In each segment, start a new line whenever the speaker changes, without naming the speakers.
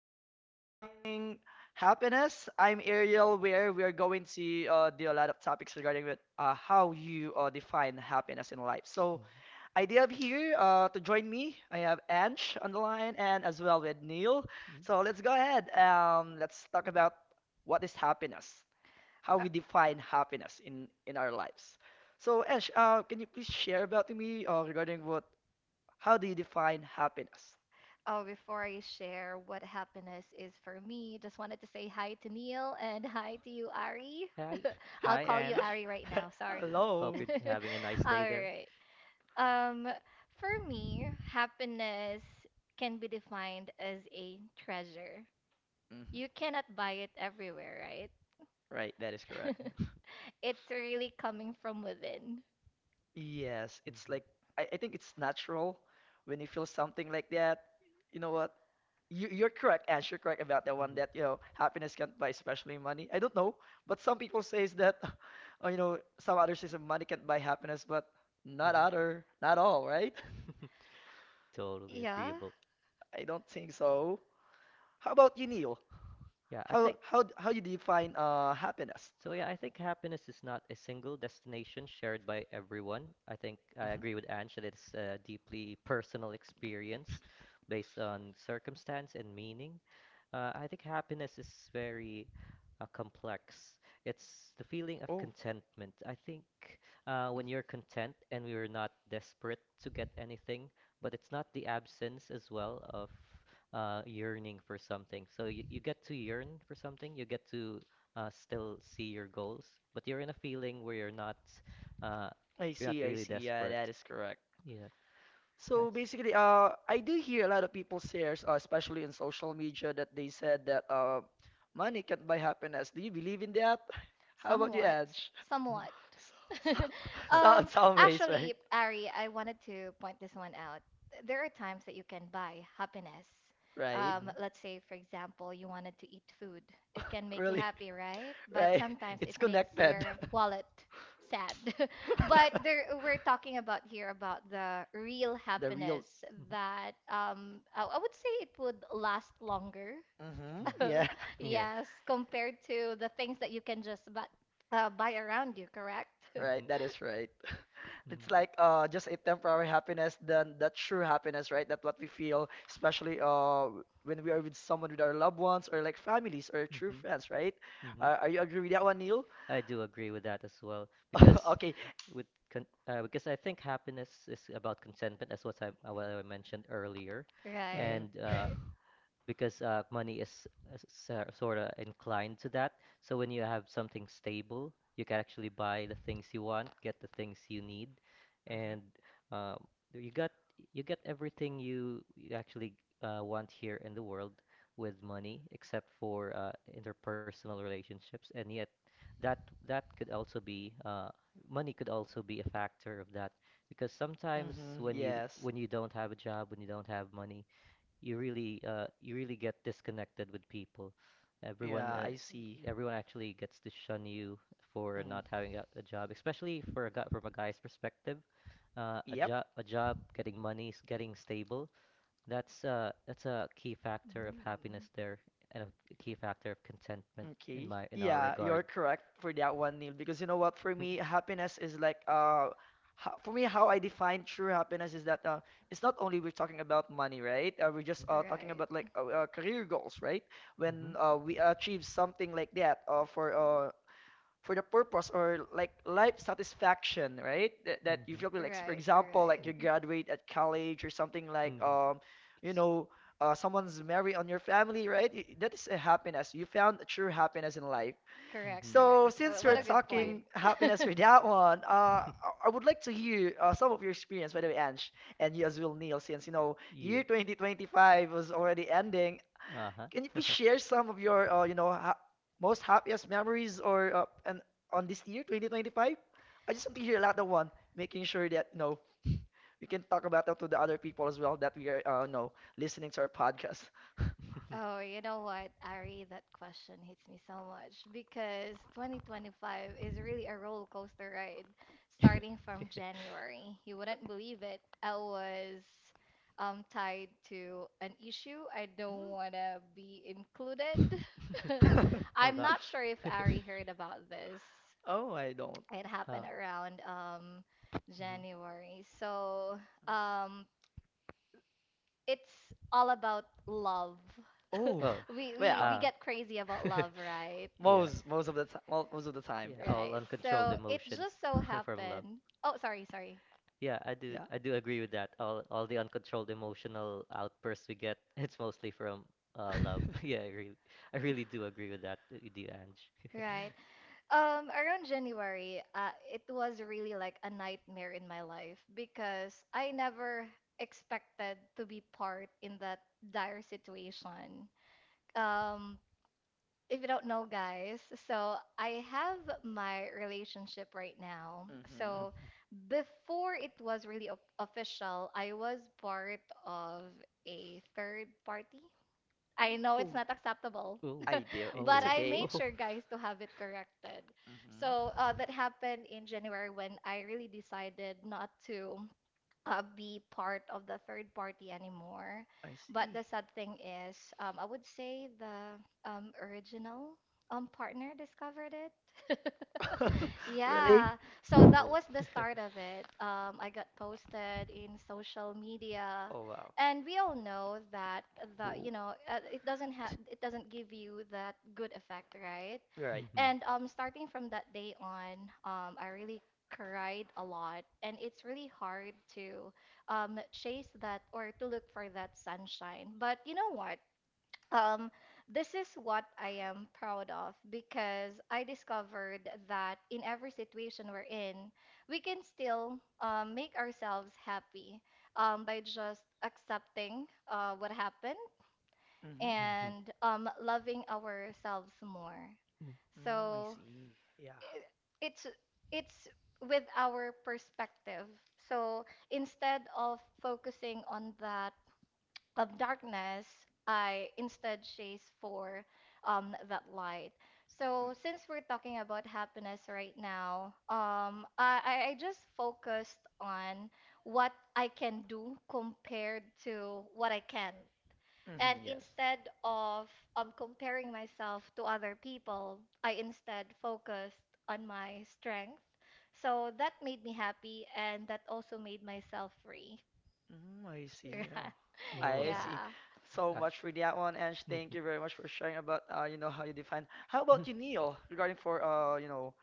to Defining Happiness. I'm Ariel, where we are going to do a lot of topics regarding with how you define happiness in life. So I do have here to join me. I have Ange on the line and as well with Neil. So
Mhm.
let's go ahead. Let's talk about what is happiness, how we define happiness in our lives. So Ange, can you please share about to me regarding what how do you define happiness?
Oh, before I share what happiness is for me, just wanted to say hi to Neil and hi to you, Ari.
Hi,
I'll
hi,
call you
Ange.
Ari right now. Sorry.
Hope
Hello.
you're having a nice day
All
there.
right. Um, for me, happiness can be defined as a treasure.
Hmm
You cannot buy it everywhere, right?
Right, that is correct.
It's really coming from within.
Yes, it's
Mhm.
like I think it's natural when you feel something like that. You know what? You're correct, Ash. You're correct about that one that, you
Mhm.
know, happiness can't buy, especially money. I don't know, but some people says that, you know, some others says that money can't buy happiness, but not other, not all, right?
Totally
Yeah,
agreeable.
I don't think so. How about you, Neil?
Yeah, I
How
think
how d- how you define happiness?
so. Yeah, I think happiness is not a single destination shared by everyone. I think I
Hmm
agree with Ange that it's a deeply personal experience based on circumstance and meaning. I think happiness is very complex. It's the feeling of
Oh,
contentment. I think
mm,
when you're content and we are not desperate to get anything, but it's not the absence as well of yearning for something. So you get to yearn for something, you get to still see your goals, but you're in a feeling where uh,
I
you're not
see, I
really
see. Yeah, that
desperate.
is correct.
Yeah,
So
that's.
basically, I do hear a lot of people say, especially in social media, that they said that money can't buy happiness. Do you believe in that? How about you,
somewhat.
Edge?
Mm.
Somewhat.
So, so,
So.
so in
um,
some ways, right?
Actually, Ari, I wanted to point this one out. There are times that you can buy happiness.
Right?
Mhm.
Let's say, for example, you wanted to eat food. It can make you
Really?
happy, right? But
Right?
sometimes it
It's
makes
connected.
your wallet sad.
Mhm. Mhm.
But there, we're talking about here about the real
The real.
happiness
Mhm.
that um, I, I would say it would last longer.
Mm-hmm. Yeah.
Mhm. Yeah.
Yes, compared to the things that you can just buy around you, correct?
Right.
Mhm.
That is right.
Mhm.
It's like just a temporary happiness than that true happiness, right? That what we feel, especially when we are with someone with our loved ones or like families or true
Mhm.
friends, right?
Mhm.
Are you agree with that one, Neil?
I do agree with that as well because
Okay.
with con because I think happiness is about contentment as what I mentioned earlier,
Right,
and
Mm-hmm.
right.
because money is sort of inclined to that. So when you have something stable, you can actually buy the things you want, get the things you need, and
Mm-hmm.
um, you got you get everything you actually want here in the world with money, except for interpersonal relationships. And yet, that that could also be money could also be a factor of that because sometimes
Mm-hmm. Yes.
when you don't have a job, when you don't have money you really get disconnected with people. Everyone
Yeah,
uh,
I see.
everyone actually gets to shun you for
Mm.
not having a job, especially for a guy from a guy's perspective.
Yep.
A job, getting money, getting stable. That's a key factor of happiness
Mm,
there and a key factor of contentment in
Okay.
my in our
Yeah,
regard.
you're correct for that one, Neil. Because you know what, for me, happiness is like for me how I define true happiness is that it's not only we're talking about money, right? We're just talking about like
right.
career goals, right?
Mm-hmm.
When we achieve something like that for the purpose or like life satisfaction, right? That, that you feel
Mm-hmm.
like, for
Right,
example, like you
right.
graduate at college or something like,
Mm-hmm.
you know, someone's married on your family, right? That is a happiness. You found a true happiness in life.
Correct,
Mhm.
correct.
So since we're
What a good
Definitely.
point.
talking happiness for that one, I I would like to hear some of your experience, by the way, Ange, and you as well, Neil, since you know
Yeah.
year 2025 was already ending.
Uh-huh.
Can you please share some of your, you know, ha most happiest memories or and on this year, 2025? I just want to hear a lot of one, making sure that, you know, we can talk about that to the other people as well that we are, you know, listening to our podcast.
Oh, you know what, Ari? That question hits me so much because 2025 is really a roller coaster ride starting from January. You wouldn't believe it. I was tied to an issue. I don't want to be included.
Oh
I'm not
gosh.
sure if Ari heard about this.
Oh, I don't.
It happened
Uh,
around
mhm.
January. So um, it's all about love.
Oh,
Oh.
we we
well,
we
Uh.
get crazy about love, right?
Yeah.
most of the time, most of the time.
Yeah, all
Right.
uncontrolled
So it
emotions
just so
from love.
happened. Oh, sorry, sorry.
Yeah.
I do agree with that. All the uncontrolled emotional outbursts we get, it's mostly from love. I really do agree with that, with you, Ange.
Right. Around January, it was really like a nightmare in my life because I never expected to be part in that dire situation. Um, if you don't know, guys, so I have my relationship right now. So before it was really official, I was part of a third party. I know it's not acceptable,
Oh,
do.
but
oh,
I
It-
made sure,
to
guys, to have
have
it
it corrected.
corrected. So
Mm-hmm.
that happened in January when I really decided not to be part of the third party anymore.
I But
But
see.
the sad thing is, I would say the original partner discovered it.
oh.
would say
Yeah, so
yeah,
that
Oh.
was the start of it. I got posted in social media,
Oh wow.
and we all know that the you
Oh.
know it doesn't have
T-
it doesn't give you that good effect, right?
You're right.
mhm. Mhm.
And starting from that day on, I really cried a lot, and it's really hard to chase that or to look for that sunshine. But you know what? Um, this is what I am proud of because I discovered that in every situation we're in, we can still make ourselves happy by just accepting what happened
Mm-hmm.
Mm.
and loving ourselves more.
Mm, I
So
see. Yeah.
i- it's it's with our perspective. So instead of focusing on that of darkness, I instead chase for that light.
Mm,
So since we're talking about happiness right now, I just focused on what I can do compared to what I can. And
mhm, yes.
instead of comparing myself to other people, I instead focused on my strength. So that made me happy and that also made myself free.
Mm, I see.
Yeah.
Oh,
Oh
I see.
gosh.
Yeah.
Yeah. So
I,
much for that one, Ange. Thank
mhm.
you very much for sharing about you know, how you define. How
Mm.
about you, Neil, regarding for you know,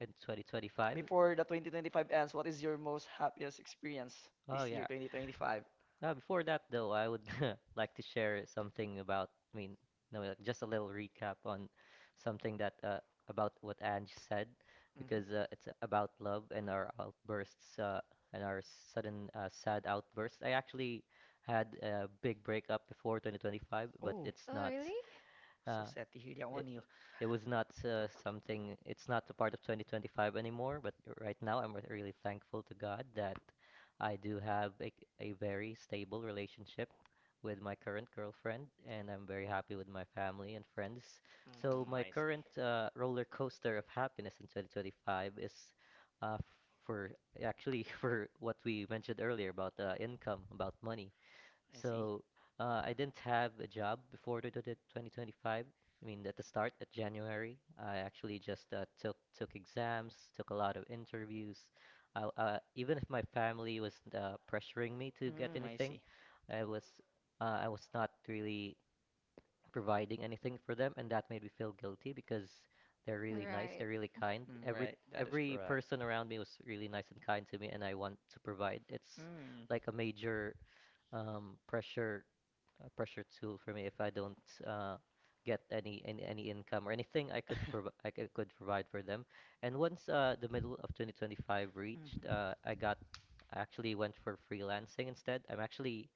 In 2025?
before the 2025 ends, what is your most happiest experience
Oh
this year,
yeah.
2025?
Before that though, I would like to share something about, I mean, no, like just a little recap on something that about what Ange said, because it's about love and our outbursts and our sudden sad outbursts. I actually had a big breakup before 2025, but
Oh,
it's
Oh,
not.
really?
so
Uh,
sad to hear that one,
it
Neil.
it was not something. It's not a part of 2025 anymore. But right now, I'm really thankful to God that I do have a very stable relationship with my current girlfriend, and I'm very happy with my family and friends. So
Hmm
my
I see.
current roller coaster of happiness in 2025 is uh, for actually for what we mentioned earlier about income, about money.
I see.
So I didn't have a job before the 2025. I mean, at the start, at January, I actually just took exams, took a lot of interviews. Even if my family was pressuring me to get
Mm, I
anything,
see.
I was I was not really providing anything for them, and that made me feel guilty because they're really nice,
Right.
they're really kind.
Mm, right, that is
Every
correct.
person around me was really nice and kind to me, and I want to provide. It's
Mm.
like um, pressure a pressure tool for me if I don't uh, get any income or anything I could provide for them. And once the middle of 2025 reached,
Mm-hmm.
I actually went for freelancing instead. I'm actually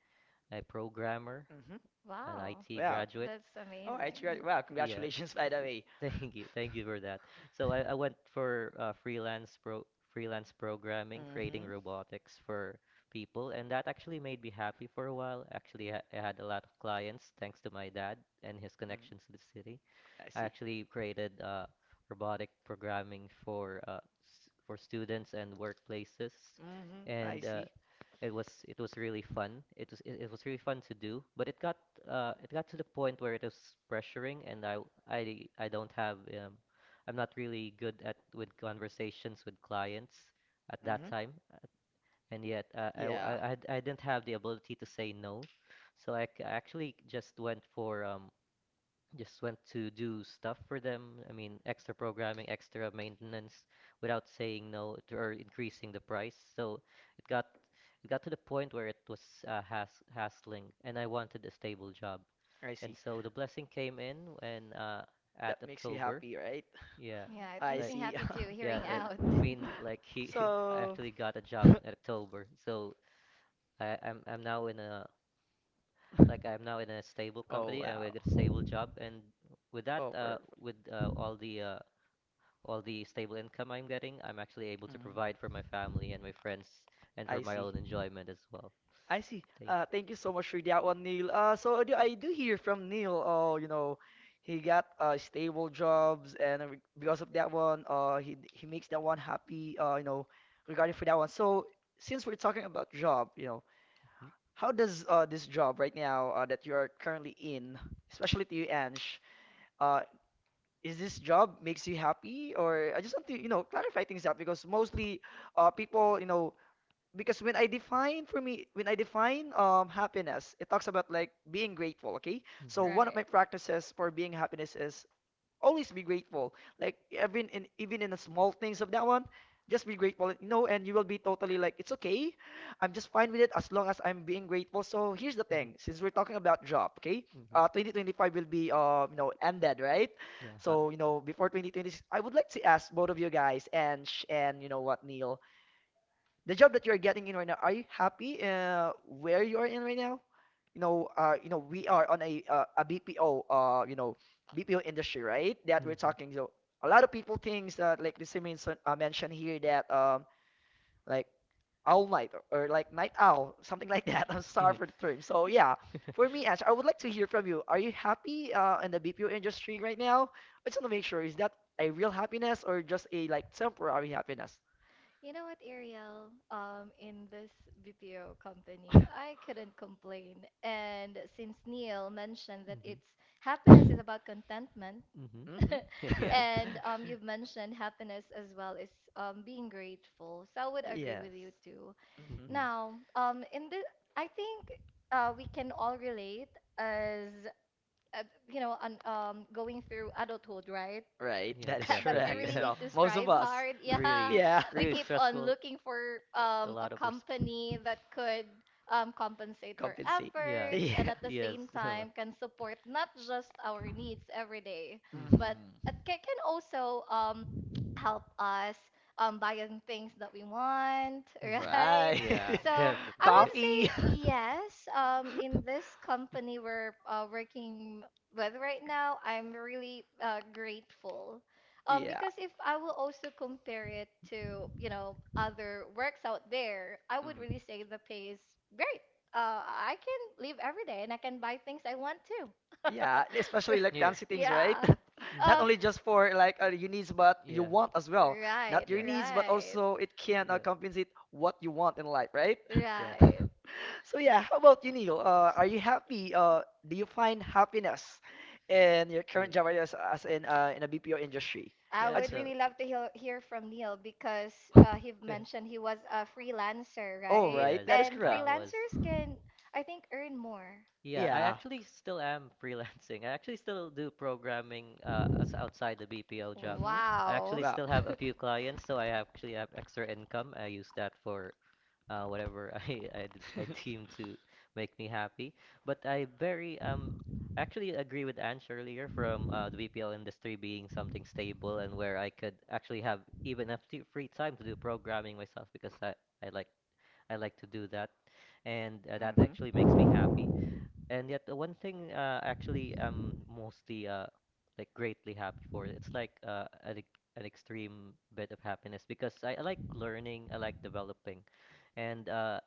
a programmer,
Mm-hmm.
an
Wow.
IT
Wow.
graduate,
That's
All right, you are,
amazing.
wow,
yeah,
congratulations, by the way.
thank you for that. So I went for freelance programming, creating
Mm-hmm.
robotics for people, and that actually made me happy for a while. I had a lot of clients thanks to my dad and his
Mm,
connections to the city.
I
I
see.
actually created robotic programming for s for students and workplaces,
Mm-hmm. I
and
see.
it was really fun. It was really fun to do, but it got to the point where it was pressuring, and I don't have I'm not really good at with conversations with clients at that
Mm-hmm.
time, and yet
Yeah,
I didn't have the ability to say no, so I actually just went for just went to do stuff for them. I mean, extra programming, extra maintenance without saying no to, or increasing the price. It got to the point where it was uh, has hassling, and I wanted a stable job.
I
And
see.
so the blessing came in when at
That makes you
October.
happy, right?
Yeah,
Yeah, it
I
makes
like
me
see.
happy too,
yeah,
hearing
it,
out.
I mean like he I
So,
actually got a job
oh
at October. So I'm now in a stable company and I
wow.
get a stable job, and with that,
Oh, per-
with all the stable income I'm getting, I'm actually able to
mhm.
provide for my family and my friends and for
I
my
see.
own enjoyment as well.
I see.
Thank
Thank you so much for that one, Neil. So I do hear from Neil. Oh, you know, he got stable jobs, and because of that one, he makes that one happy. You know, regarding for that one. So since we're talking about job, you know,
know, you.
how does this job right now that you are currently in, especially to you, Ange, uh, is this job makes you happy? Or I just want to, you know, clarify things out because mostly people, you know, because when I define for me, when I define happiness, it talks about like being grateful, okay?
Mm,
So one of
Right.
my practices for being happiness is always be grateful. Like even in the small things of that one, just be grateful. You know, and you will be totally like, it's okay. I'm just fine with it as long as I'm being grateful. So here's the thing, since we're talking about job, okay?
Mm-hmm. what is IX is really Mm-hmm.
2025 will be you know, ended, right?
Yeah.
So, you know, before 2026, I would like to ask both of you guys and you know what, Neil, the job that you're getting in right now, are you happy where you are in right now? You know, you know, we are on a BPO, you know, BPO industry, right? That we're
Mm-hmm.
talking. So a lot of people thinks that like this means mentioned here that like owl night or like night owl, something like that. I'm sorry for the term. So yeah, for me, Ash, I would like to hear from you. Are you happy in the BPO industry right now? I just want to make sure is that a real happiness or just a like temporary happiness?
You know what, Ariel? In this BPO company, I couldn't complain. And since Neil mentioned that
Mm-hmm.
it's happiness is about contentment,
Mm-hmm.
Mm-hmm.
Yeah.
and you've mentioned happiness as well is being grateful, so I would agree
Yes.
with you too.
Mm-hmm.
hmm
Now, I think we can all relate as you know, on going through adulthood, right?
Right,
Yeah,
that is
That we
correct
definitely.
really
as
need
well.
to
Most of
strive
us.
hard. Yeah,
Really,
Yeah.
we
really
keep on
stressful.
looking for
A
a
lot of res-
company that could compensate our
Compensate.
Yeah.
efforts and
Yeah.
at the
Yes.
same
a lot.
time can support not just our needs every day,
Mhm.
but
Mhm.
it can also help us buying things that we want,
Mhm.
right?
Right.
Yeah,
So I
definitely.
would
Coffee.
say yes. In this company we're working with right now, I'm really grateful
Yeah.
because if I will also compare it to, you know, other works out there, I would
Mhm.
really say the pay is great. I can live every day and I can buy things I want to.
Yeah, especially like
Yes.
fancy things, right?
Yeah.
Mm-hmm.
Not
Um,
only just for like your needs, but you
Yeah.
want as well.
right,
Not your
Yeah.
needs, but
right.
also it can
Yeah.
compensate what you want in life, right?
Def.
Right.
So yeah, how about you, Neil? Are you happy? Do you find happiness in your current job
Yeah.
as in a BPO industry?
I
I
Yeah.
I
would
just
really love to hear from Neil because he mentioned he was a freelancer,
Oh,
right?
right.
Yes,
That is
And
correct.
I was.
freelancers can, I think, earn more.
Yeah, I
Yeah.
actually still am freelancing. I actually still do programming
Uh,
as outside the BPO job.
Mm-hmm.
I
wow.
actually
Wow.
still have a few clients, so I actually have extra income. I use that for whatever I deem to make me happy. But I very actually agree with Ansh earlier from the BPO industry being something stable and where I could actually have even enough free time to do programming myself because I like I like to do that and that actually makes me happy. And yet, the one thing actually I'm mostly like greatly happy for, it's like an extreme bit of happiness because I like learning, I like developing, and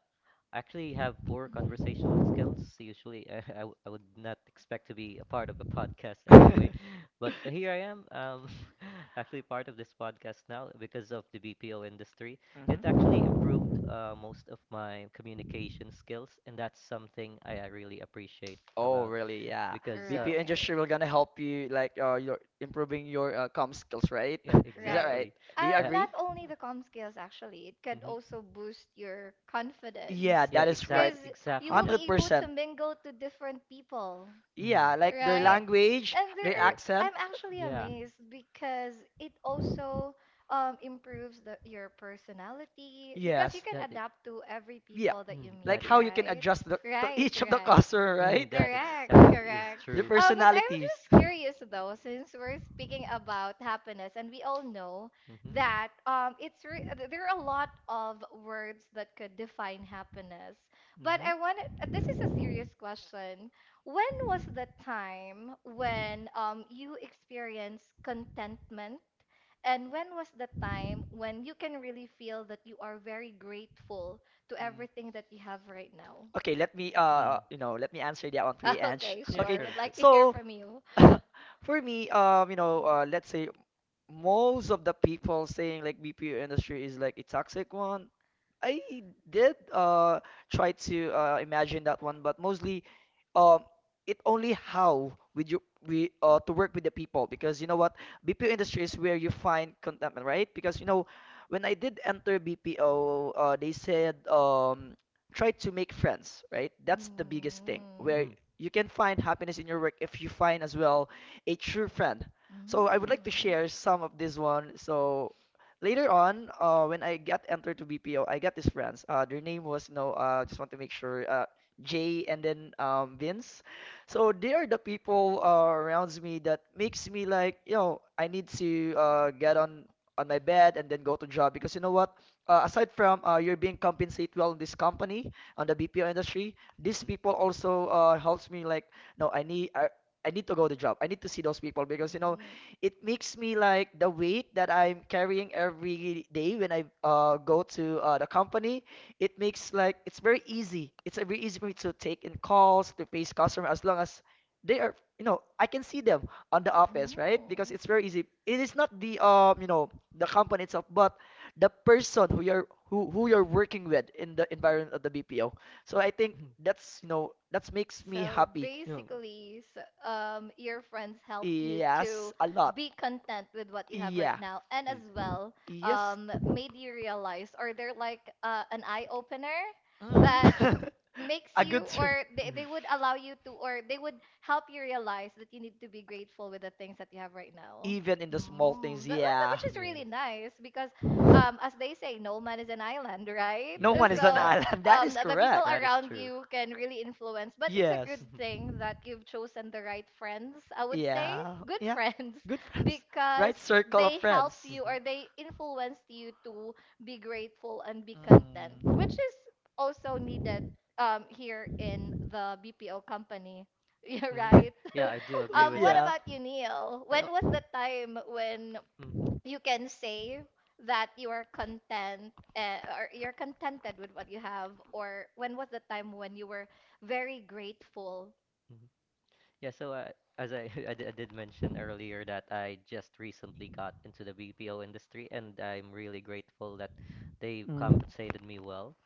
I actually have poor
Mhm.
conversational skills. Usually, I would not expect to be a part of a podcast anyway, but here I am. Actually part of this podcast now because of the BPO industry. It
Mhm.
actually improved most of my communication skills, and that's something I really appreciate
Oh,
about
really? Yeah.
because
BPO industry
Right.
will gonna help you like your improving your com skills, right?
yeah,
Is that
Right.
right?
exactly.
Do you
Uh,
agree?
Not only the com skills, actually, it could
mhm.
also boost your. Yeah, confidence,
Yeah,
yeah,
Yeah,
that is right.
exactly,
because you
exactly
will
that.
be able to
100%.
mingle to different people,
Hmm Yeah.
Yeah, like their
Yeah.
right?
language,
And there
their
Yeah.
are,
accent.
I'm actually
Yeah.
amazed because it also improves the, your personality because you
Yes.
can
the-
adapt to every
Yeah.
people that you
Mm,
Like
meet,
that is.
how you can
right?
adjust the, to
Right,
each of the
right.
customer,
Mm,
right?
that
Correct,
exact is
correct.
Their
true.
But I'm
personalities.
just curious though, since we're speaking about happiness, and we all know
Hmm
that there are a lot of words that could define happiness. But
hmm
I wanted this is a serious question. When was the time when you experienced contentment, and when was the time when you can really feel that you are very grateful to
Mm.
everything that you have right now?
Okay, let me
Mm.
you know let me answer that one for you, Ange.
Okay,
Yeah,
Okay,
sure.
sure.
Would like to hear
so
from you.
for me you know let's say most of the people saying like BPO industry is like a toxic one. I did try to imagine that one, but mostly um it only how with you we to work with the people because you know what BPO industry is where you find contentment, right? Because you know when I did enter BPO, they said try to make friends, right? That's the
Mm.
biggest thing where
Mm.
you can find happiness in your work if you find as well a true friend.
Mm. Mm.
So I would like to share some of this one. So later on, when I got entered to BPO, I got these friends. Their name was, you know, just want to make sure, Jay and then Vince. So they are the people around me that makes me like, you know, I need to get on my bed and then go to job because you know what? Aside from you're being compensated well in this company on the BPO industry, these people also helps me like, no, I need to go to job. I need to see those people because you know
Mm.
it makes me like the weight that I'm carrying every day when I go to the company. It makes like it's very easy. It's very easy for me to take in calls to face customer as long as they are, you know, I can see them on the office, right? Because it's very easy. It is not the you know, the company itself, but the person who you're working with in the environment of the BPO. So I think that's you know that makes me
So
happy.
basically, so, um, your friends help you to
Yes, a lot.
be content with what you have right
Yeah.
now, and as well,
Yes.
made you realize, or they're like an eye opener that
Mm.
makes
A good
you
term.
or they would allow you to or they would help you realize that you need to be grateful with the things that you have right now.
Even in the small
Mm,
things, yeah.
which is really nice because
Yeah. No
as they say, no man is an island, right?
No one is an
So
island. That is
the people
correct.
around you can really influence, but it's a good
Yes.
thing that you've chosen the right friends, I would say,
Yeah.
good
Yeah.
friends,
Good friends.
because
Right circle of
they
friends.
helped you or they influenced you to be grateful and be content, which
Mhm.
is also needed here in the BPO company. Yeah,
hmm
right.
Yeah, I do
How about
agree with
What
that.
yeah?
about you, Neil?
I
When
al-
was the time when
Mhm,
you can say that you are content or you're contented with what you have, or when was the time when you were very grateful?
mhm. Yeah, so I did mention earlier that I just recently got into the BPO industry and I'm really grateful that they
Mm.
compensated me well.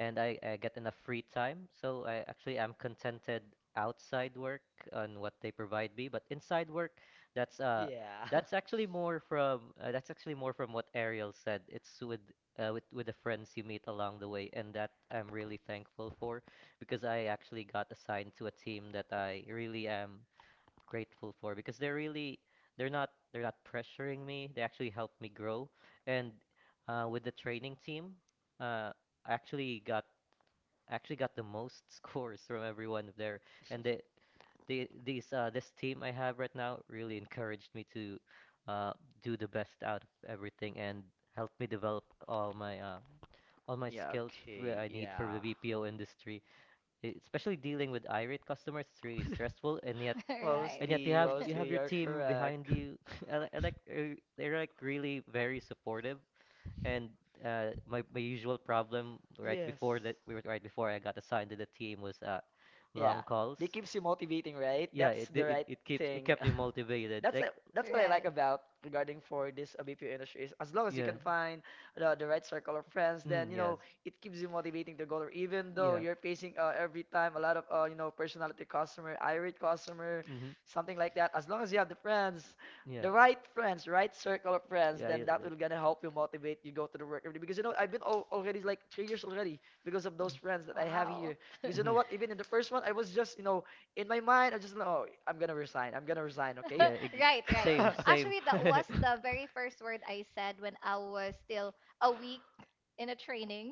And I get enough free time. So I actually am contented outside work on what they provide me, but inside work, that's uh
Yeah.
that's actually more from that's actually more from what Ariel said. It's with the friends you meet along the way, and that I'm really thankful for because I actually got assigned to a team that I really am grateful for because they're really they're not pressuring me. They actually help me grow, and with the training team, uh, I actually got the most scores from every one of there. And they, they these this team I have right now really encouraged me to uh do the best out of everything and helped me develop all my
Yeah,
skills
okay,
I need for
yeah.
the BPO industry. Especially dealing with irate customers, it's really stressful
Right.
and yet
Mostly,
you have
mostly,
your
you're
team behind
correct.
you. I like they're like really very supportive and my my usual problem right before
Yes.
that we were right before I got assigned to the team was
Yeah,
long calls.
they keeps you motivating, right? That's the
It
right
it keeps it
thing.
kept me motivated.
That's
Like
it. That's what I like
Right.
about regarding for this BPO industry is as long as you
yeah.
can find the right circle of friends, then
Mm,
you
yes.
know it keeps you motivating to go there. Even though
Yeah.
you're facing every time a lot of you know personality customer, irate customer,
Mm-hmm.
something like that. As long as you have the friends,
Yeah.
the right friends, right circle of friends,
Yeah,
then
yeah,
that
like,
will gonna help you motivate you go to the work every day. Because you know I've been al already like 3 years already because of those friends that I have
Wow.
here. Because you know what? Even in the first one, I was just, you know, in my mind, I just, oh, I'm gonna resign. I'm gonna resign, okay?
Right, right. Actually, that was the very first word I said when I was still a week in a training.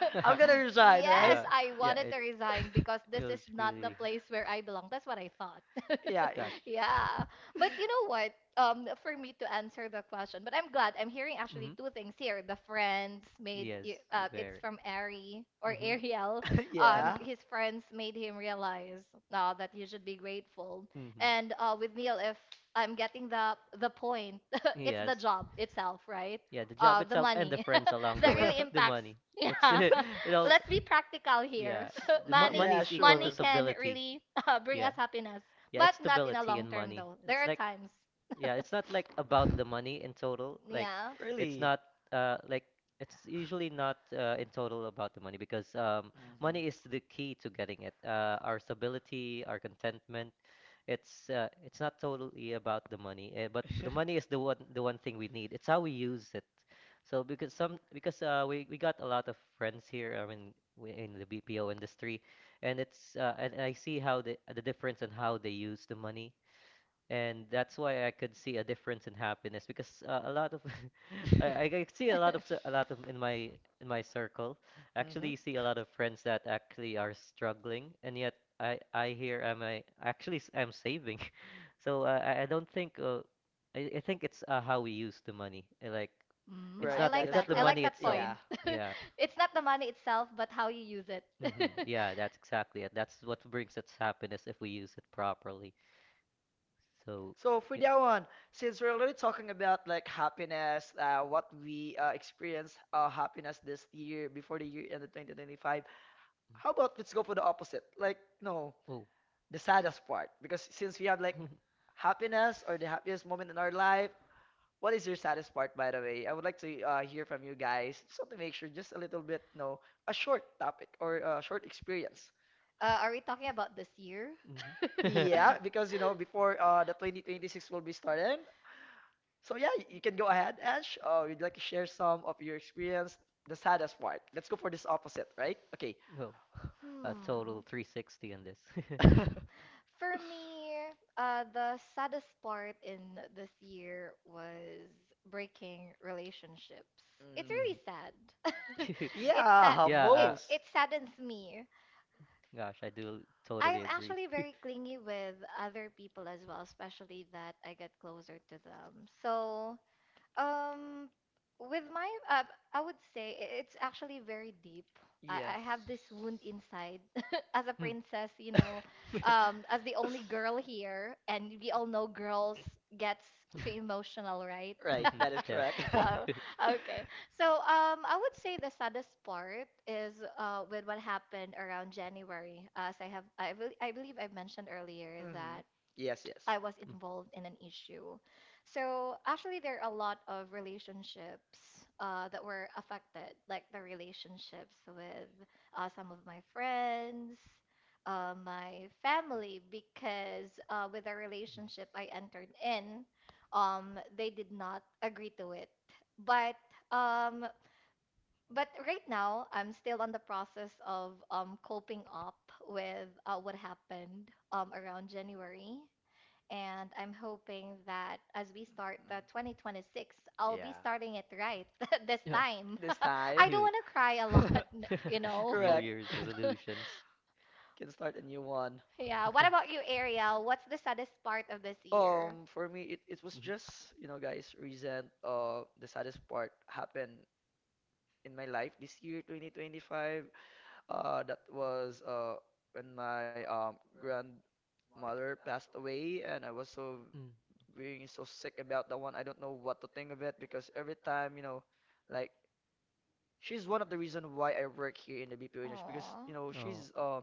I'm gonna resign,
Yes,
right?
Gosh,
I
yeah,
wanted
it
to resign because this
it
is
was
not the
really.
place where I belong. That's what I thought.
Yeah.
Gosh.
Yeah. But you know what? For me to answer the question, but I'm glad I'm hearing actually
Hmm
two things here. The
Yes,
it's
very.
from Ari or
Hmm
Ariel.
And
Yeah.
His friends made him realize that you should be grateful.
hmm
And with Neil, if I'm getting the point, it's
Yes.
the job itself, right?
Yeah, the job
The
itself and the
money
friends along
that
the way,
really
the
impacts.
money. It's
Yeah,
you know,
let's be practical here.
yeah. The mo
Money,
money
Yeah,
is equal to
money
sure.
can
stability.
really bring
Yeah,
us happiness,
yeah.
but
It's
not in a
stability
long
in
term
money.
though. There
It's
are
like
times.
yeah. It's not like about the money in total. Like
Yeah.
it's
Really?
not like it's usually not in total about the money because
Mhm.
money is the key to getting it. Our stability, our contentment. It's not totally about the money, eh, but the money is the one thing we need. It's how we use it. So because some because we got a lot of friends here. I mean, we, in the BPO industry, and it's and I see how the difference in how they use the money, and that's why I could see a difference in happiness because a lot of I see a lot of in my circle. Actually,
Mhm.
you see a lot of friends that actually are struggling, and yet. I hear am I actually s- I'm saving. So I don't think I think it's how we use the money. Like
Mm,
Right,
I
that
like
it's
is
not
that.
the
I
correct.
like
money
that
itself.
Yeah.
point.
Yeah.
It's not the money itself, but how you use it. Uh,
Yeah, that's exactly it. That's what brings us happiness if we use it properly. So
So for
yeah.
that one, since we're already talking about like happiness, what we experienced happiness this year before the year ended 2025, how about let's go for the opposite? Like, no,
Mm. Oh.
the saddest part. Because since we have like happiness or the happiest moment in our life, what is your saddest part, by the way? I would like to hear from you guys. Just want to make sure, just a little bit, no, a short topic or a short experience.
are we talking about this year?
Mhm.
Yeah, because you know, before the 2026 will be started. So yeah, you can go ahead, Ash. You'd like to share some of your experience, the saddest part. Let's go for this opposite, right? Okay.
Oh, a total
Hmm.
360 on this.
For me, the saddest part in this year was breaking relationships. It's
Mm.
really sad.
hmm
It's sad.
Yeah,
Yeah,
It
most.
it saddens me.
gosh, I do
I'm
totally agree.
actually very clingy with other people as well, especially that I get closer to them. So um, with my, uh, I would say it's actually very deep. I have this wound inside as a
Hmm.
princess, you know, as the only girl here, and we all know girls gets too emotional, right?
Right,
Mhm,
that is correct.
definitely.
Oh, okay. So, I would say the saddest part is with what happened around January. As I have, I believe I mentioned earlier that
Yes, yes.
I was involved in an issue. So actually, there are a lot of relationships that were affected, like the relationships with some of my friends, my family, because with the relationship I entered in, they did not agree to it. But um, but right now, I'm still on the process of coping up with what happened around January. And I'm hoping that as we
Mm.
start the 2026, I'll be
Yeah.
starting it right this
Mm.
time.
This time.
I
Yeah.
don't
New
want to cry a lot, you know?
New
Correct.
Year's resolutions.
Can start a new one.
Yeah. What about you, Ariel? What's the saddest part of this year?
For me, it was just, you know, guys, recent. The saddest part happened in my life this year, 2025. That was when my grandmother passed away, and I was so
Mm.
being so sick about that one. I don't know what to think of it because every time, you know, like, she's one of the reason why I work here in the BPO industry because,
Aw.
you know, she's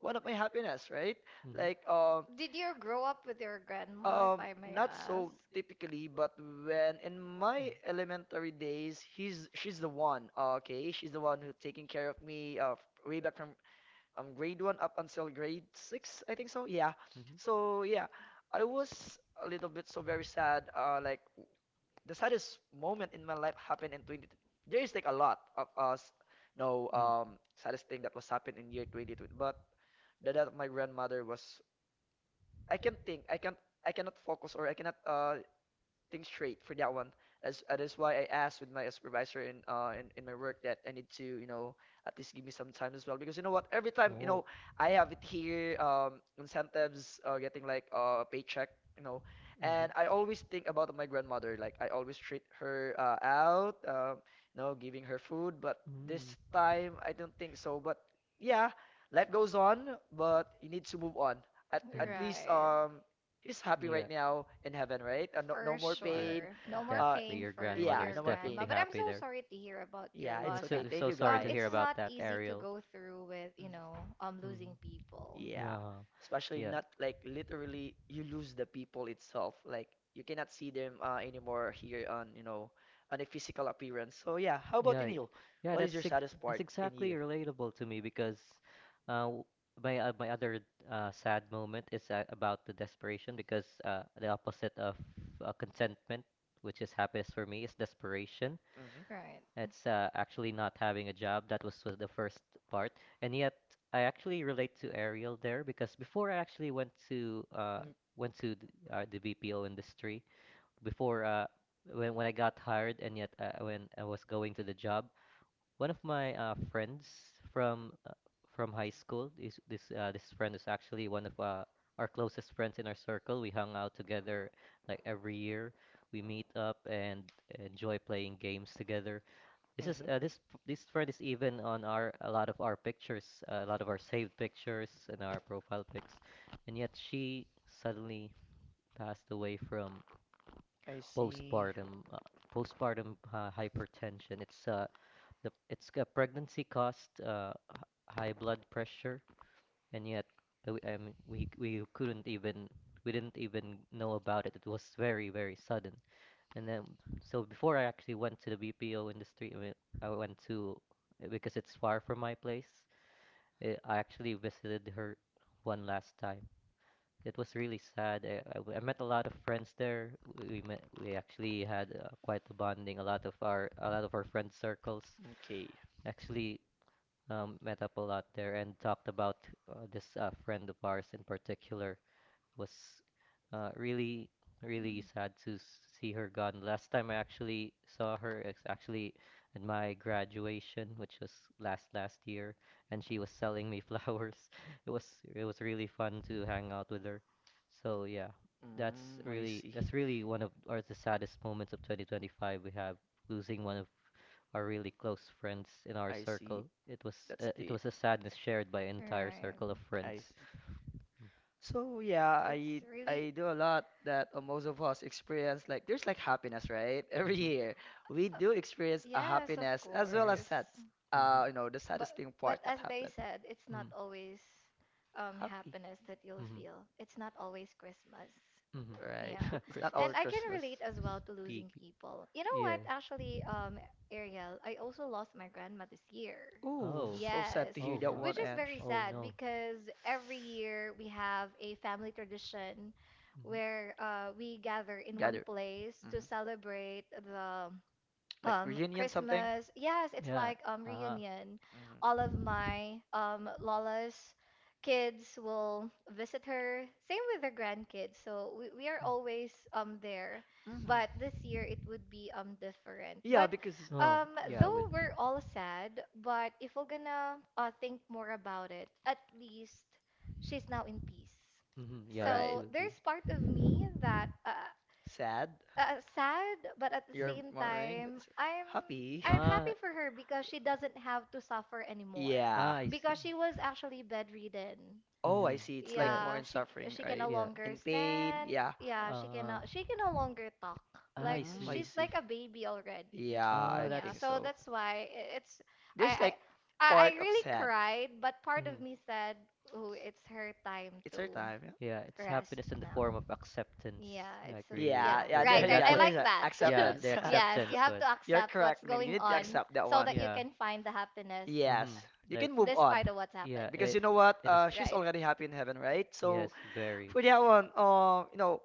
one of my happiness, right? Like
Did you grow up with your grandma, if I may
not
ask?
so typically, but when in my
Mm.
elementary days, he's she's the one, okay? She's the one who taking care of me way back from grade 1 up until grade 6, I think so. Yeah.
Mhm.
So, yeah. I was a little bit so very sad, like the saddest moment in my life happened in 20, there is like a lot of us, no,
Mm.
um, saddest thing that was happened in year 2020. But the death of my grandmother was, I can't think, I can't, I cannot focus, or I cannot things straight for that one. That's that is why I asked with my supervisor in in my work that I need to, you know, at least give me some time as well because you know what, every time, you
Oh.
know, I have it here incentives getting like a paycheck, you know,
Mhm.
and I always think about my grandmother, like I always treat her out um, you know, giving her food, but
Mm.
this time I don't think so, but yeah, life goes on, but you need to move on, at
Mm.
least
Right.
um. He's happy
Yeah.
right now in heaven, right? No, no
For
more
Yeah,
pain.
sure. No more
Uh,
definitely.
pain
Your
for
yeah,
grandmother
your
is
no more pain.
grandma.
definitely
But I'm
happy
so
there.
sorry to hear about your
Yeah,
We're
it's
loss.
okay.
so,
Thank
so
you,
sorry to
guys.
hear
It's not
about that,
easy to
Ariel.
go through with, you
Mhm.
know, losing
Mm.
people.
Yeah,
Uh,
especially
yeah.
not like literally you lose the people itself. Like you cannot see them anymore here on, you know, on a physical appearance. So yeah, how about you,
Yeah,
Neil?
yeah,
What is your saddest
that's
part in
exactly
here?
relatable to me because uh, w- my my other sad moment is about the desperation because the opposite of contentment, which is happiness for me, is desperation.
Right.
It's actually not having a job. That was the first part, and yet I actually relate to Ariel there because before I actually went to
Mhm.
went to the, the BPO industry before when I got hired, and yet when I was going to the job, one of my friends from uh, from high school is this friend is actually one of our closest friends in our circle. We hung out together like every year. We meet up and enjoy playing games together. This is
Hmm.
this friend is even on our a lot of our pictures, a lot of our saved pictures and our profile pics, and yet she suddenly passed away from
I see.
postpartum uh, postpartum hypertension. It's a pregnancy caused high blood pressure, and yet I mean, we couldn't even, we didn't even know about it. It was very sudden. And then, so before I actually went to the BPO industry, I mean, I went to because it's far from my place. Eh, I actually visited her one last time. It was really sad. I met a lot of friends there. We actually had quite a bonding. A lot of our friend circles
Okay.
actually met up a lot there and talked about this friend of ours in particular. Was really, really sad to see her gone. Last time I actually saw her is actually at my graduation, which was last last year, and she was selling me flowers. It was, it was really fun to hang out with her. So yeah,
Mm, I see.
that's really one of or the saddest moments of 2025 we have, losing one of are really close friends in our
I
circle.
see. That's
It
the.
was a sadness shared by entire
Right.
circle of
I
friends.
see.
Mm.
So yeah,
It's
I
really.
do a lot that most of us experience. Like there's like happiness, right? Every
Mhm.
year we do
Of-.
experience a
Yes, of
happiness as well
Mhm.
as
course.
sad.
Mhm.
You know, the
But
saddest thing
but
part that
as they
happened.
said, it's not
Mm.
always
Happy,
happiness that you'll
Mhm.
feel. It's not always Christmas.
Mhm.
right?
Yeah.
It, it's not
Christmas.
all
And I can
Christmas.
relate as well
Speaking.
to losing people. You know
Yeah.
what? Actually, Ariel, I also lost my grandma this year.
Oh,
Oh.
so sad
Yes,
to hear
Oh
that
wow.
one,
which is very
Ange.
Oh
sad
no.
because every year we have a family tradition where
hmm
we gather in one
Gather.
place to
Mhm.
celebrate the
Like reunion something?
Christmas. Yes, it's
Yeah.
like
Ah.
reunion. All
Hmm
of my Lola's kids will visit her. Same with her grandkids. So we are always there.
hmm.
But this year it would be different.
Yeah,
But
because.
Mm. Oh,
Mhm.
yeah,
though
we
we're all sad, but if we're gonna think more about it, at least she's now in peace.
yeah, we
Right.
So
do agree.
there's part of me that
Sad?
sad, but at the
Mm.
You're
same
mourning? but
time,
s-
I'm
Happy?
I'm happy
Ah.
for her because she doesn't have to suffer anymore
Yeah.
Ah, I see.
because she was actually bedridden.
Oh,
Mm-hmm.
I see. It's like
Yeah,
more
Yeah,
in suffering,
she can
right?
no
yeah.
longer
In pain.
stand.
Yeah.
Yeah,
Uh,
she can no longer talk.
ah, I
Like
Mm, I
she's
see.
see.
like a baby already.
Yeah,
Ah,
I
Yeah,
that's.
think
so
so.
that's why I- it's I
There's
I
like
I
part of
really
sad.
cried, but part of
Mhm.
me said, "Oh, it's her time
It's her
too."
time.
Yeah, it's
Rest
happiness in the form
now.
of acceptance.
Yeah,
Like
it's a,
really,
Yeah, yeah,
yeah,
yeah,
right,
there,
and
right.
that's
yeah.
I
what.
There's
like
a
that.
Yeah, the
acceptance.
Yes, you
acceptance
have
one.
to
You're
accept what's
correct, Neil. You
going
need to
on
accept that
so
one.
that you
Yeah.
can find the happiness
Mm-hmm.
Yes, you
Like,
can move on
despite of what's
yeah,
happened.
because
it,
you know what?
in a, s-.
She's
Right,
already happy in heaven, right?
Yes,
So
very.
for that one, you know,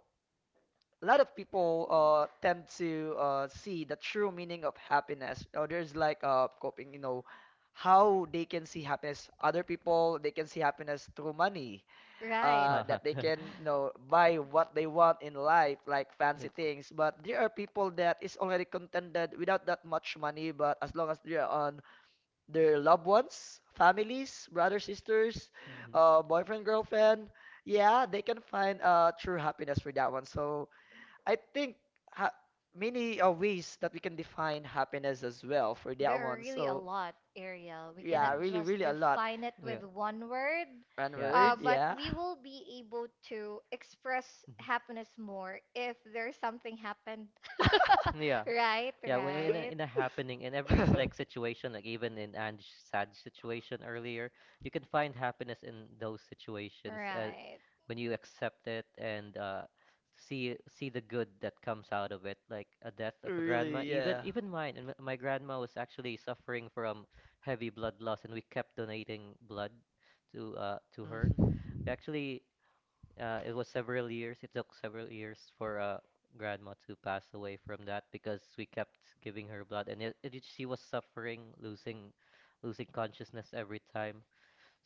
a lot of people tend to see the true meaning of happiness. Or there's like coping, you know, how they can see happiness. Other people, they can see happiness through money,
right.
Uh-huh.
that they can, you know, buy what they want in life, like fancy
It's.
things. But there are people that is already contented without that much money, but as long as they're on their loved ones, families, brothers, sisters,
hmm hmm
boyfriend, girlfriend, yeah, they can find true happiness for that one. So I think ha many ways that we can define happiness as well for that
There are
one.
really a
So
lot, Ariel. We
yeah,
cannot
really,
just
really a lot.
define it
Yeah.
with one word,
One
Yeah,
word,
it's.
but
yeah.
we will be able to express
Mhm.
happiness more if there's something happened.
Yeah.
Right,
Yeah, when
right.
in a happening in every s- like situation, like even in Ange's sad situation earlier, you can find happiness in those situations
Right,
when you accept it and see the good that comes out of it, like a death of a grandma.
Really,
Even
yeah.
even mine, and my grandma was actually suffering from heavy blood loss, and we kept donating blood to her.
Mhm.
We actually it was several years. It took several years for grandma to pass away from that because we kept giving her blood, and she was suffering, losing, losing consciousness every time.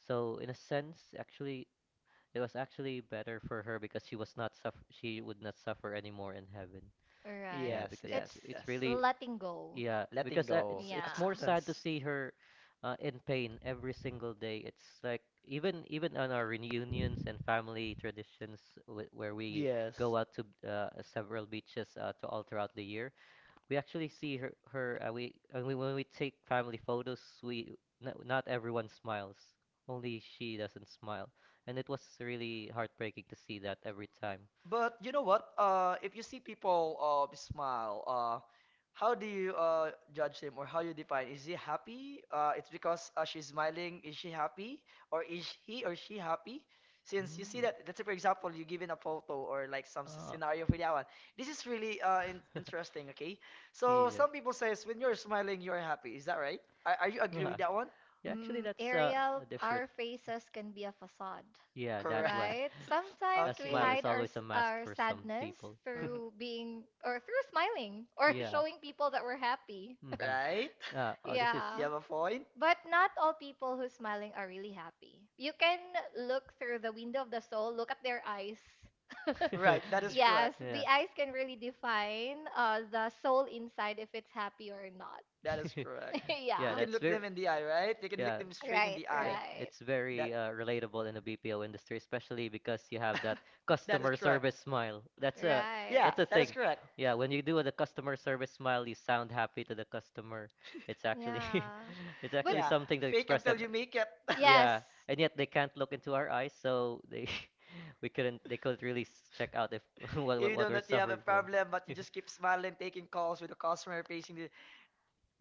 So in a sense, actually, it was actually better for her because she would not suffer anymore in heaven. Yeah,
right.
Yes,
because
It's
it's
yes,
it's
yes.
really
letting go.
yeah,
Letting
because uh,
go.
it's it's more
Yeah.
sad to
Acceptance.
see her in pain every single day. It's like even on our reunions and family traditions w where we
Yes.
go out to several beaches to all throughout the year. We actually see her when we take family photos, we, no, not everyone smiles, only she doesn't smile, and it was really heartbreaking to see that every time.
But you know what? If you see people smile, how do you judge him or how you define? Is he happy? It's because she's smiling. Is she happy, or is he or she happy? Since you see
Mm.
that, let's say for example, you give in a photo or like some
Uh,
scenario for that one. This is really in interesting. Okay, so
yeah.
some people says when you're smiling, you're happy. Is that right? Are you agree with that one?
Yeah, actually,
Mm,
that's
Ariel,
a different.
our faces can be a facade,
Yeah, that
Correct.
one.
right? Sometimes
A
we
Okay.
smile is
hide
always a mask
our
for some
sadness
people.
Mhm.
through being or through smiling or
Yeah.
showing people that we're happy.
Mm-hmm.
Right?
Right? Oh, this is
You
Yeah.
have a point?
But not all people who smiling are really happy. You can look through the window of the soul, look at their eyes.
Right, that is correct.
Yes,
yeah.
the eyes can really define the soul inside if it's happy or not.
That is correct. You
Yeah,
Yeah.
can
that's
look
very
them in the eye, right? You can look
yeah.
them straight in
Right,
the
Yeah,
eye.
right.
it's
That
very relatable in the BPO industry, especially because you have that
That is
customer
correct.
service smile. That's a,
Right.
Yeah,
that's a
that is
thing.
correct.
Yeah, when you do the customer service smile, you sound happy to the customer. It's actually
Yeah.
it's
But
actually
Yeah,
something to
fake
express
until
them.
you make it.
yes.
Yeah, and yet they can't look into our eyes, so they we couldn't they couldn't really check out if
Even
what
though
we're
that you have a
suffering from.
problem, but you just keep smiling, taking calls with the customer, facing the,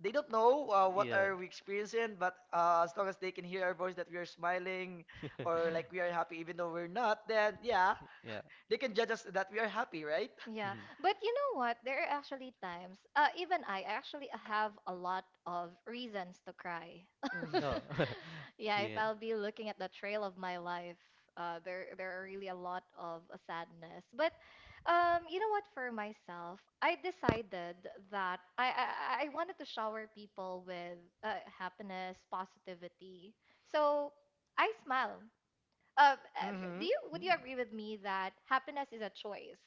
they don't know what
Yeah.
are we experiencing, but as long as they can hear our voice that we are smiling or like we are happy, even though we're not, then yeah,
Yeah.
they can judge us that we are happy, right?
Yeah,
hmm
but you know what? There are actually times, even I actually have a lot of reasons to cry.
Mm.
No.
Yeah, if
Yeah.
I'll be looking at the trail of my life, there are really a lot of sadness. But you know what? For myself, I decided that I wanted to shower people with happiness, positivity. So I smile um, uh,
Hmm.
do you would
Mm.
you agree with me that happiness is a choice?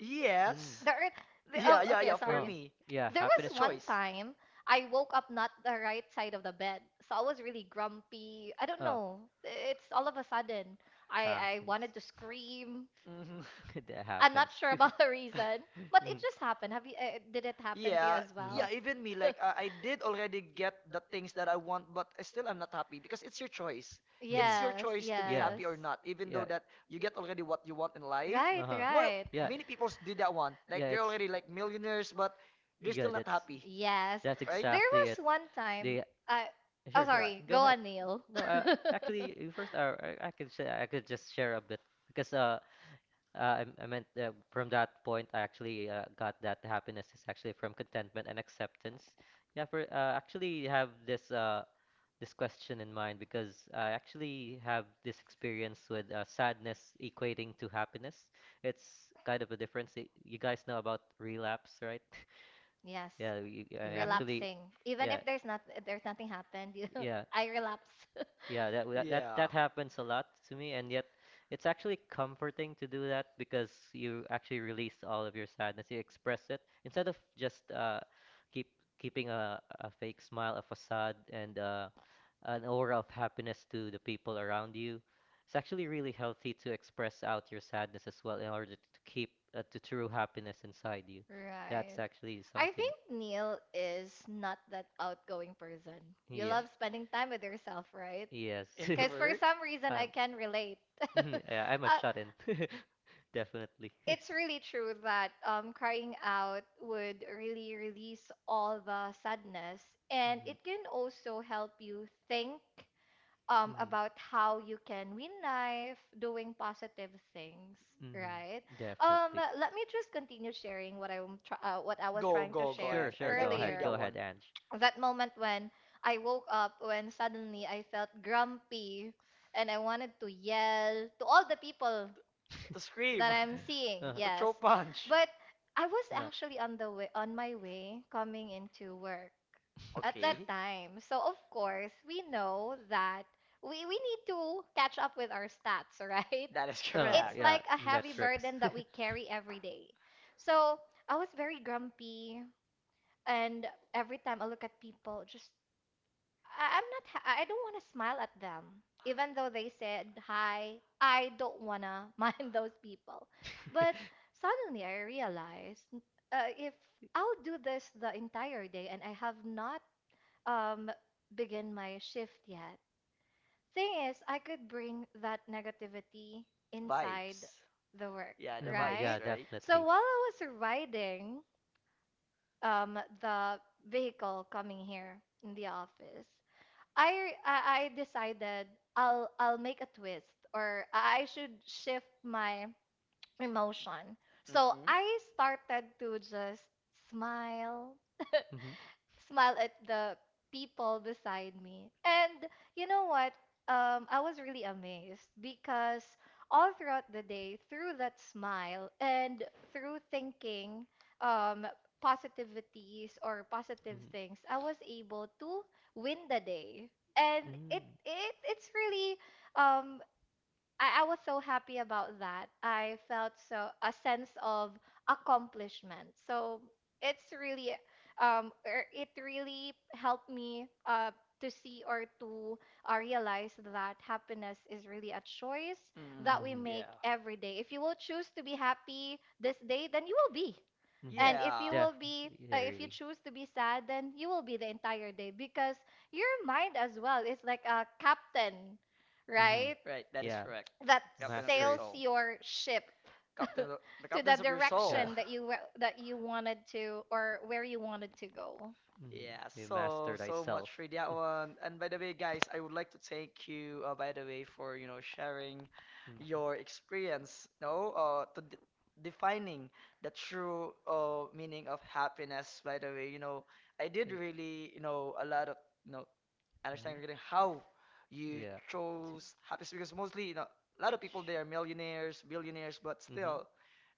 Yes.
There are,
Yeah,
oh,
yeah,
okay,
yeah. For
sorry.
me,
Yeah,
There was
it's a
one
choice.
time I woke up not the right side of the bed, so I was really grumpy. I don't know. It's all of a sudden. I wanted to scream.
Hmm.
that
I'm not sure about the reason, but it just happened. Have you? Did it happen to you
Yeah,
as
yeah,
well?
even me, like I did already get the things that I want, but I still am not happy because it's your choice. It's your
Yes,
choice to be
yes.
happy or not, even though that you get already what you want in life.
Right,
More,
right.
yeah,
many people do that one. Like they're already like millionaires, but they're
Yeah,
still not
that's
happy,
Yes.
that's
right?
There
exactly
was
it.
one time
The
I Oh
sure, sure.
Ga-
sorry,
Go
go
ahead.
on, Neil.
No, actually, you first, I could say, I could just share a bit because I meant from that point, I actually got that happiness is actually from contentment and acceptance. Yeah, for actually have this question in mind because I actually have this experience with sadness equating to happiness. It's kind of a difference. You guys know about relapse, right?
Yes.
Yeah, we,
Mhm.
actually,
Relapsing. Even
yeah,
if there's not if there's nothing happened, you know,
yeah,
I relapse.
yeah. That that that
Yeah.
that happens a lot to me, and yet it's actually comforting to do that because you actually release all of your sadness. You express it instead of just keep keeping a fake smile, a facade, and an aura of happiness to the people around you. It's actually really healthy to express out your sadness as well in order to keep the true happiness inside you. That's
Right.
actually
I
something.
think Neil is not that outgoing person. You
Yeah.
love spending time with yourself, right?
Yes.
Because for
Introvert?
some reason I
I'm,
can relate.
yeah, I'm a
Uh,
shut-in. Definitely.
it's really true that crying out would really release all the sadness, and
Mhm.
it can also help you think
Mhm.
about how you can win life doing positive things,
Mhm.
right? Um,
Definitely.
Let me just continue sharing what I was
Go,
trying to
go, go, Ash.
share
Sure, sure.
I'd like
Go
to hear
ahead.
earlier.
Go
that
ahead,
one.
Ange.
That moment when I woke up, when suddenly I felt grumpy and I wanted to yell to all the people
To
that
scream.
I'm seeing.
Uh-huh.
To
Yes.
throw punch.
But I was actually on my way coming into work at that
Okay.
time. So of course, we know that we need to catch up with our stats, right?
That is
It's
correct.
like a heavy burden that we carry every day. So I was very grumpy and every time I look at people, just I- I'm not, ha- I don't want to smile at them, even though they said hi. I don't want to mind those people. But suddenly I realized if I'll do this the entire day and I have not um, begin my shift yet, thing is, I could bring that negativity
The
inside the work,
right?
right?
Right?
So while I was riding the vehicle coming here in the office, I decided I'll make a twist or I should shift my emotion. So I started to just smile
hmm
smile at the people beside me. And you know what? I was really amazed because all throughout the day, through that smile and through thinking um, positivities or positive things, I was able to win the day. And it, it's really um I was so happy about that. I felt so a sense of accomplishment. So it's really it really helped me to see or to realize that happiness is really a choice that we
Mhm.
make
Mm-mm.
every day. If you will choose to be happy this day, then you will
Then
be.
Mhm.
And if you
Yeah.
will be if you choose to be sad, then you will be the entire day because your mind as well is like a captain,
Mhm.
right?
Right, that is correct.
That
Captain of your
sails
soul.
your ship
to
Captain, the
to the
captains of your soul.
direction that that you wanted to or where you wanted to go.
go. Mhm.
Yeah, so so much for that one. And by the way, guys, I would like to thank you, by the way, for you know sharing
Mm.
your experience, no, to d defining the true meaning of happiness. By the way, you know, I did really you know a lot of you know understanding regarding
hmm
how you chose happiness because mostly you know a lot of people they are
a
millionaires, billionaires, but
because,
still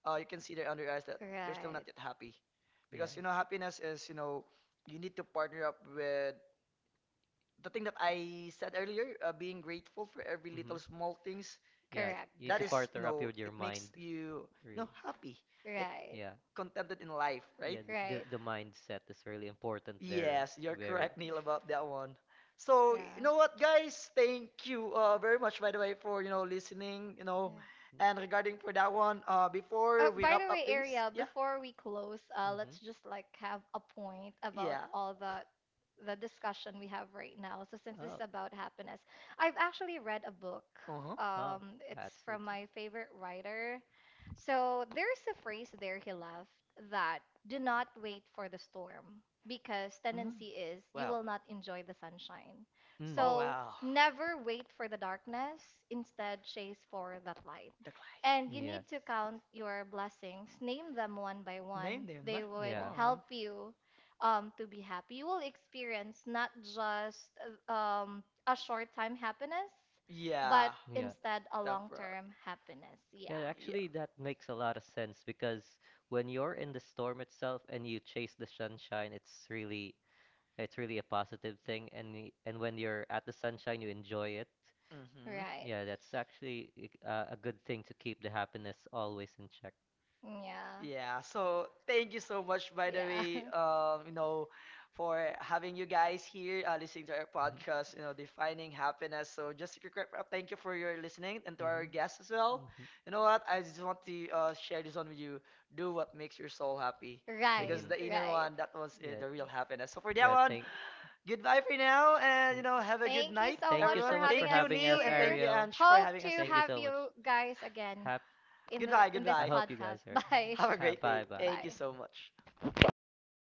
you can see their under eyes that they're still not
Right.
yet happy
yes
because you know happiness is you know you need to partner up with the thing that I said earlier, being grateful for every
hmm
little small things,
yeah
i-
Correct.
that
Correct.
is, you know,
your
it makes you, you know, happy, like
Right.
yeah
contented in life, right?
Right.
the mindset is really important where
Yes, you're correct, Neil, about that one. So, you
Yeah.
know what, guys? Thank you very much, by the way, for, you know, listening, you know,
Yeah.
and regarding for that one,
Uh,
before we
by
wrap
the
up
way,
things,
Ariel,
yeah,
before we close,
hmm
let's just like have a point about
yeah.
yeah, all the discussion we have right now. So since this
Oh.
is about happiness, I've actually read a book.
Uh huh.
Uh-huh.
Oh,
It's
that's it.
from my favorite writer. So there's a phrase there he left that do not wait for the storm because tendency is you will not enjoy
Sunshine.
the sunshine.
Mm.
So
Wow.
never wait for the darkness, instead chase for that light.
The clay.
And you
Yes.
need to count your blessings, name them one by one. They would
Yeah.
help you to be happy. You will experience not just a short time happiness,
You Yeah.
but
Have
Yeah.
instead a long
bro.
term happiness.
Yeah,
Yeah,
actually, that makes a lot of sense because when you're in the storm itself and you chase the sunshine, it's really a positive thing. And and when you're at the sunshine, you enjoy it.
Mm-hmm.
right.
Yeah, that's actually a good thing to keep the happiness always in check.
Yeah.
Yeah, so thank you so much, by the way, you know, for having you guys here, listening to our
Mhm.
podcast, you know, defining happiness. So just a quick wrap up. Thank you for your listening and to
Mhm.
our guests as well.
Mhm.
You know what? I just want to share this one with you. Do what makes your soul happy,
Know, right,
because
Mhm.
the inner one, that was
Yeah.
the real happiness. So for that
Yeah,
one,
thank
goodbye for now, and you know,
mm.
have a good night,
Thank you so
everyone.
much for
Thank you,
having
Neil,
us,
and thank you,
Ariel.
Ange, for having us
afternoon. To
here.
You
have you guys again
hap
in
Goodbye,
I
goodbye.
hope you
podcast.
guys are
Bye.
Have a
ha
great day.
bye bye.
Thank you so much.
So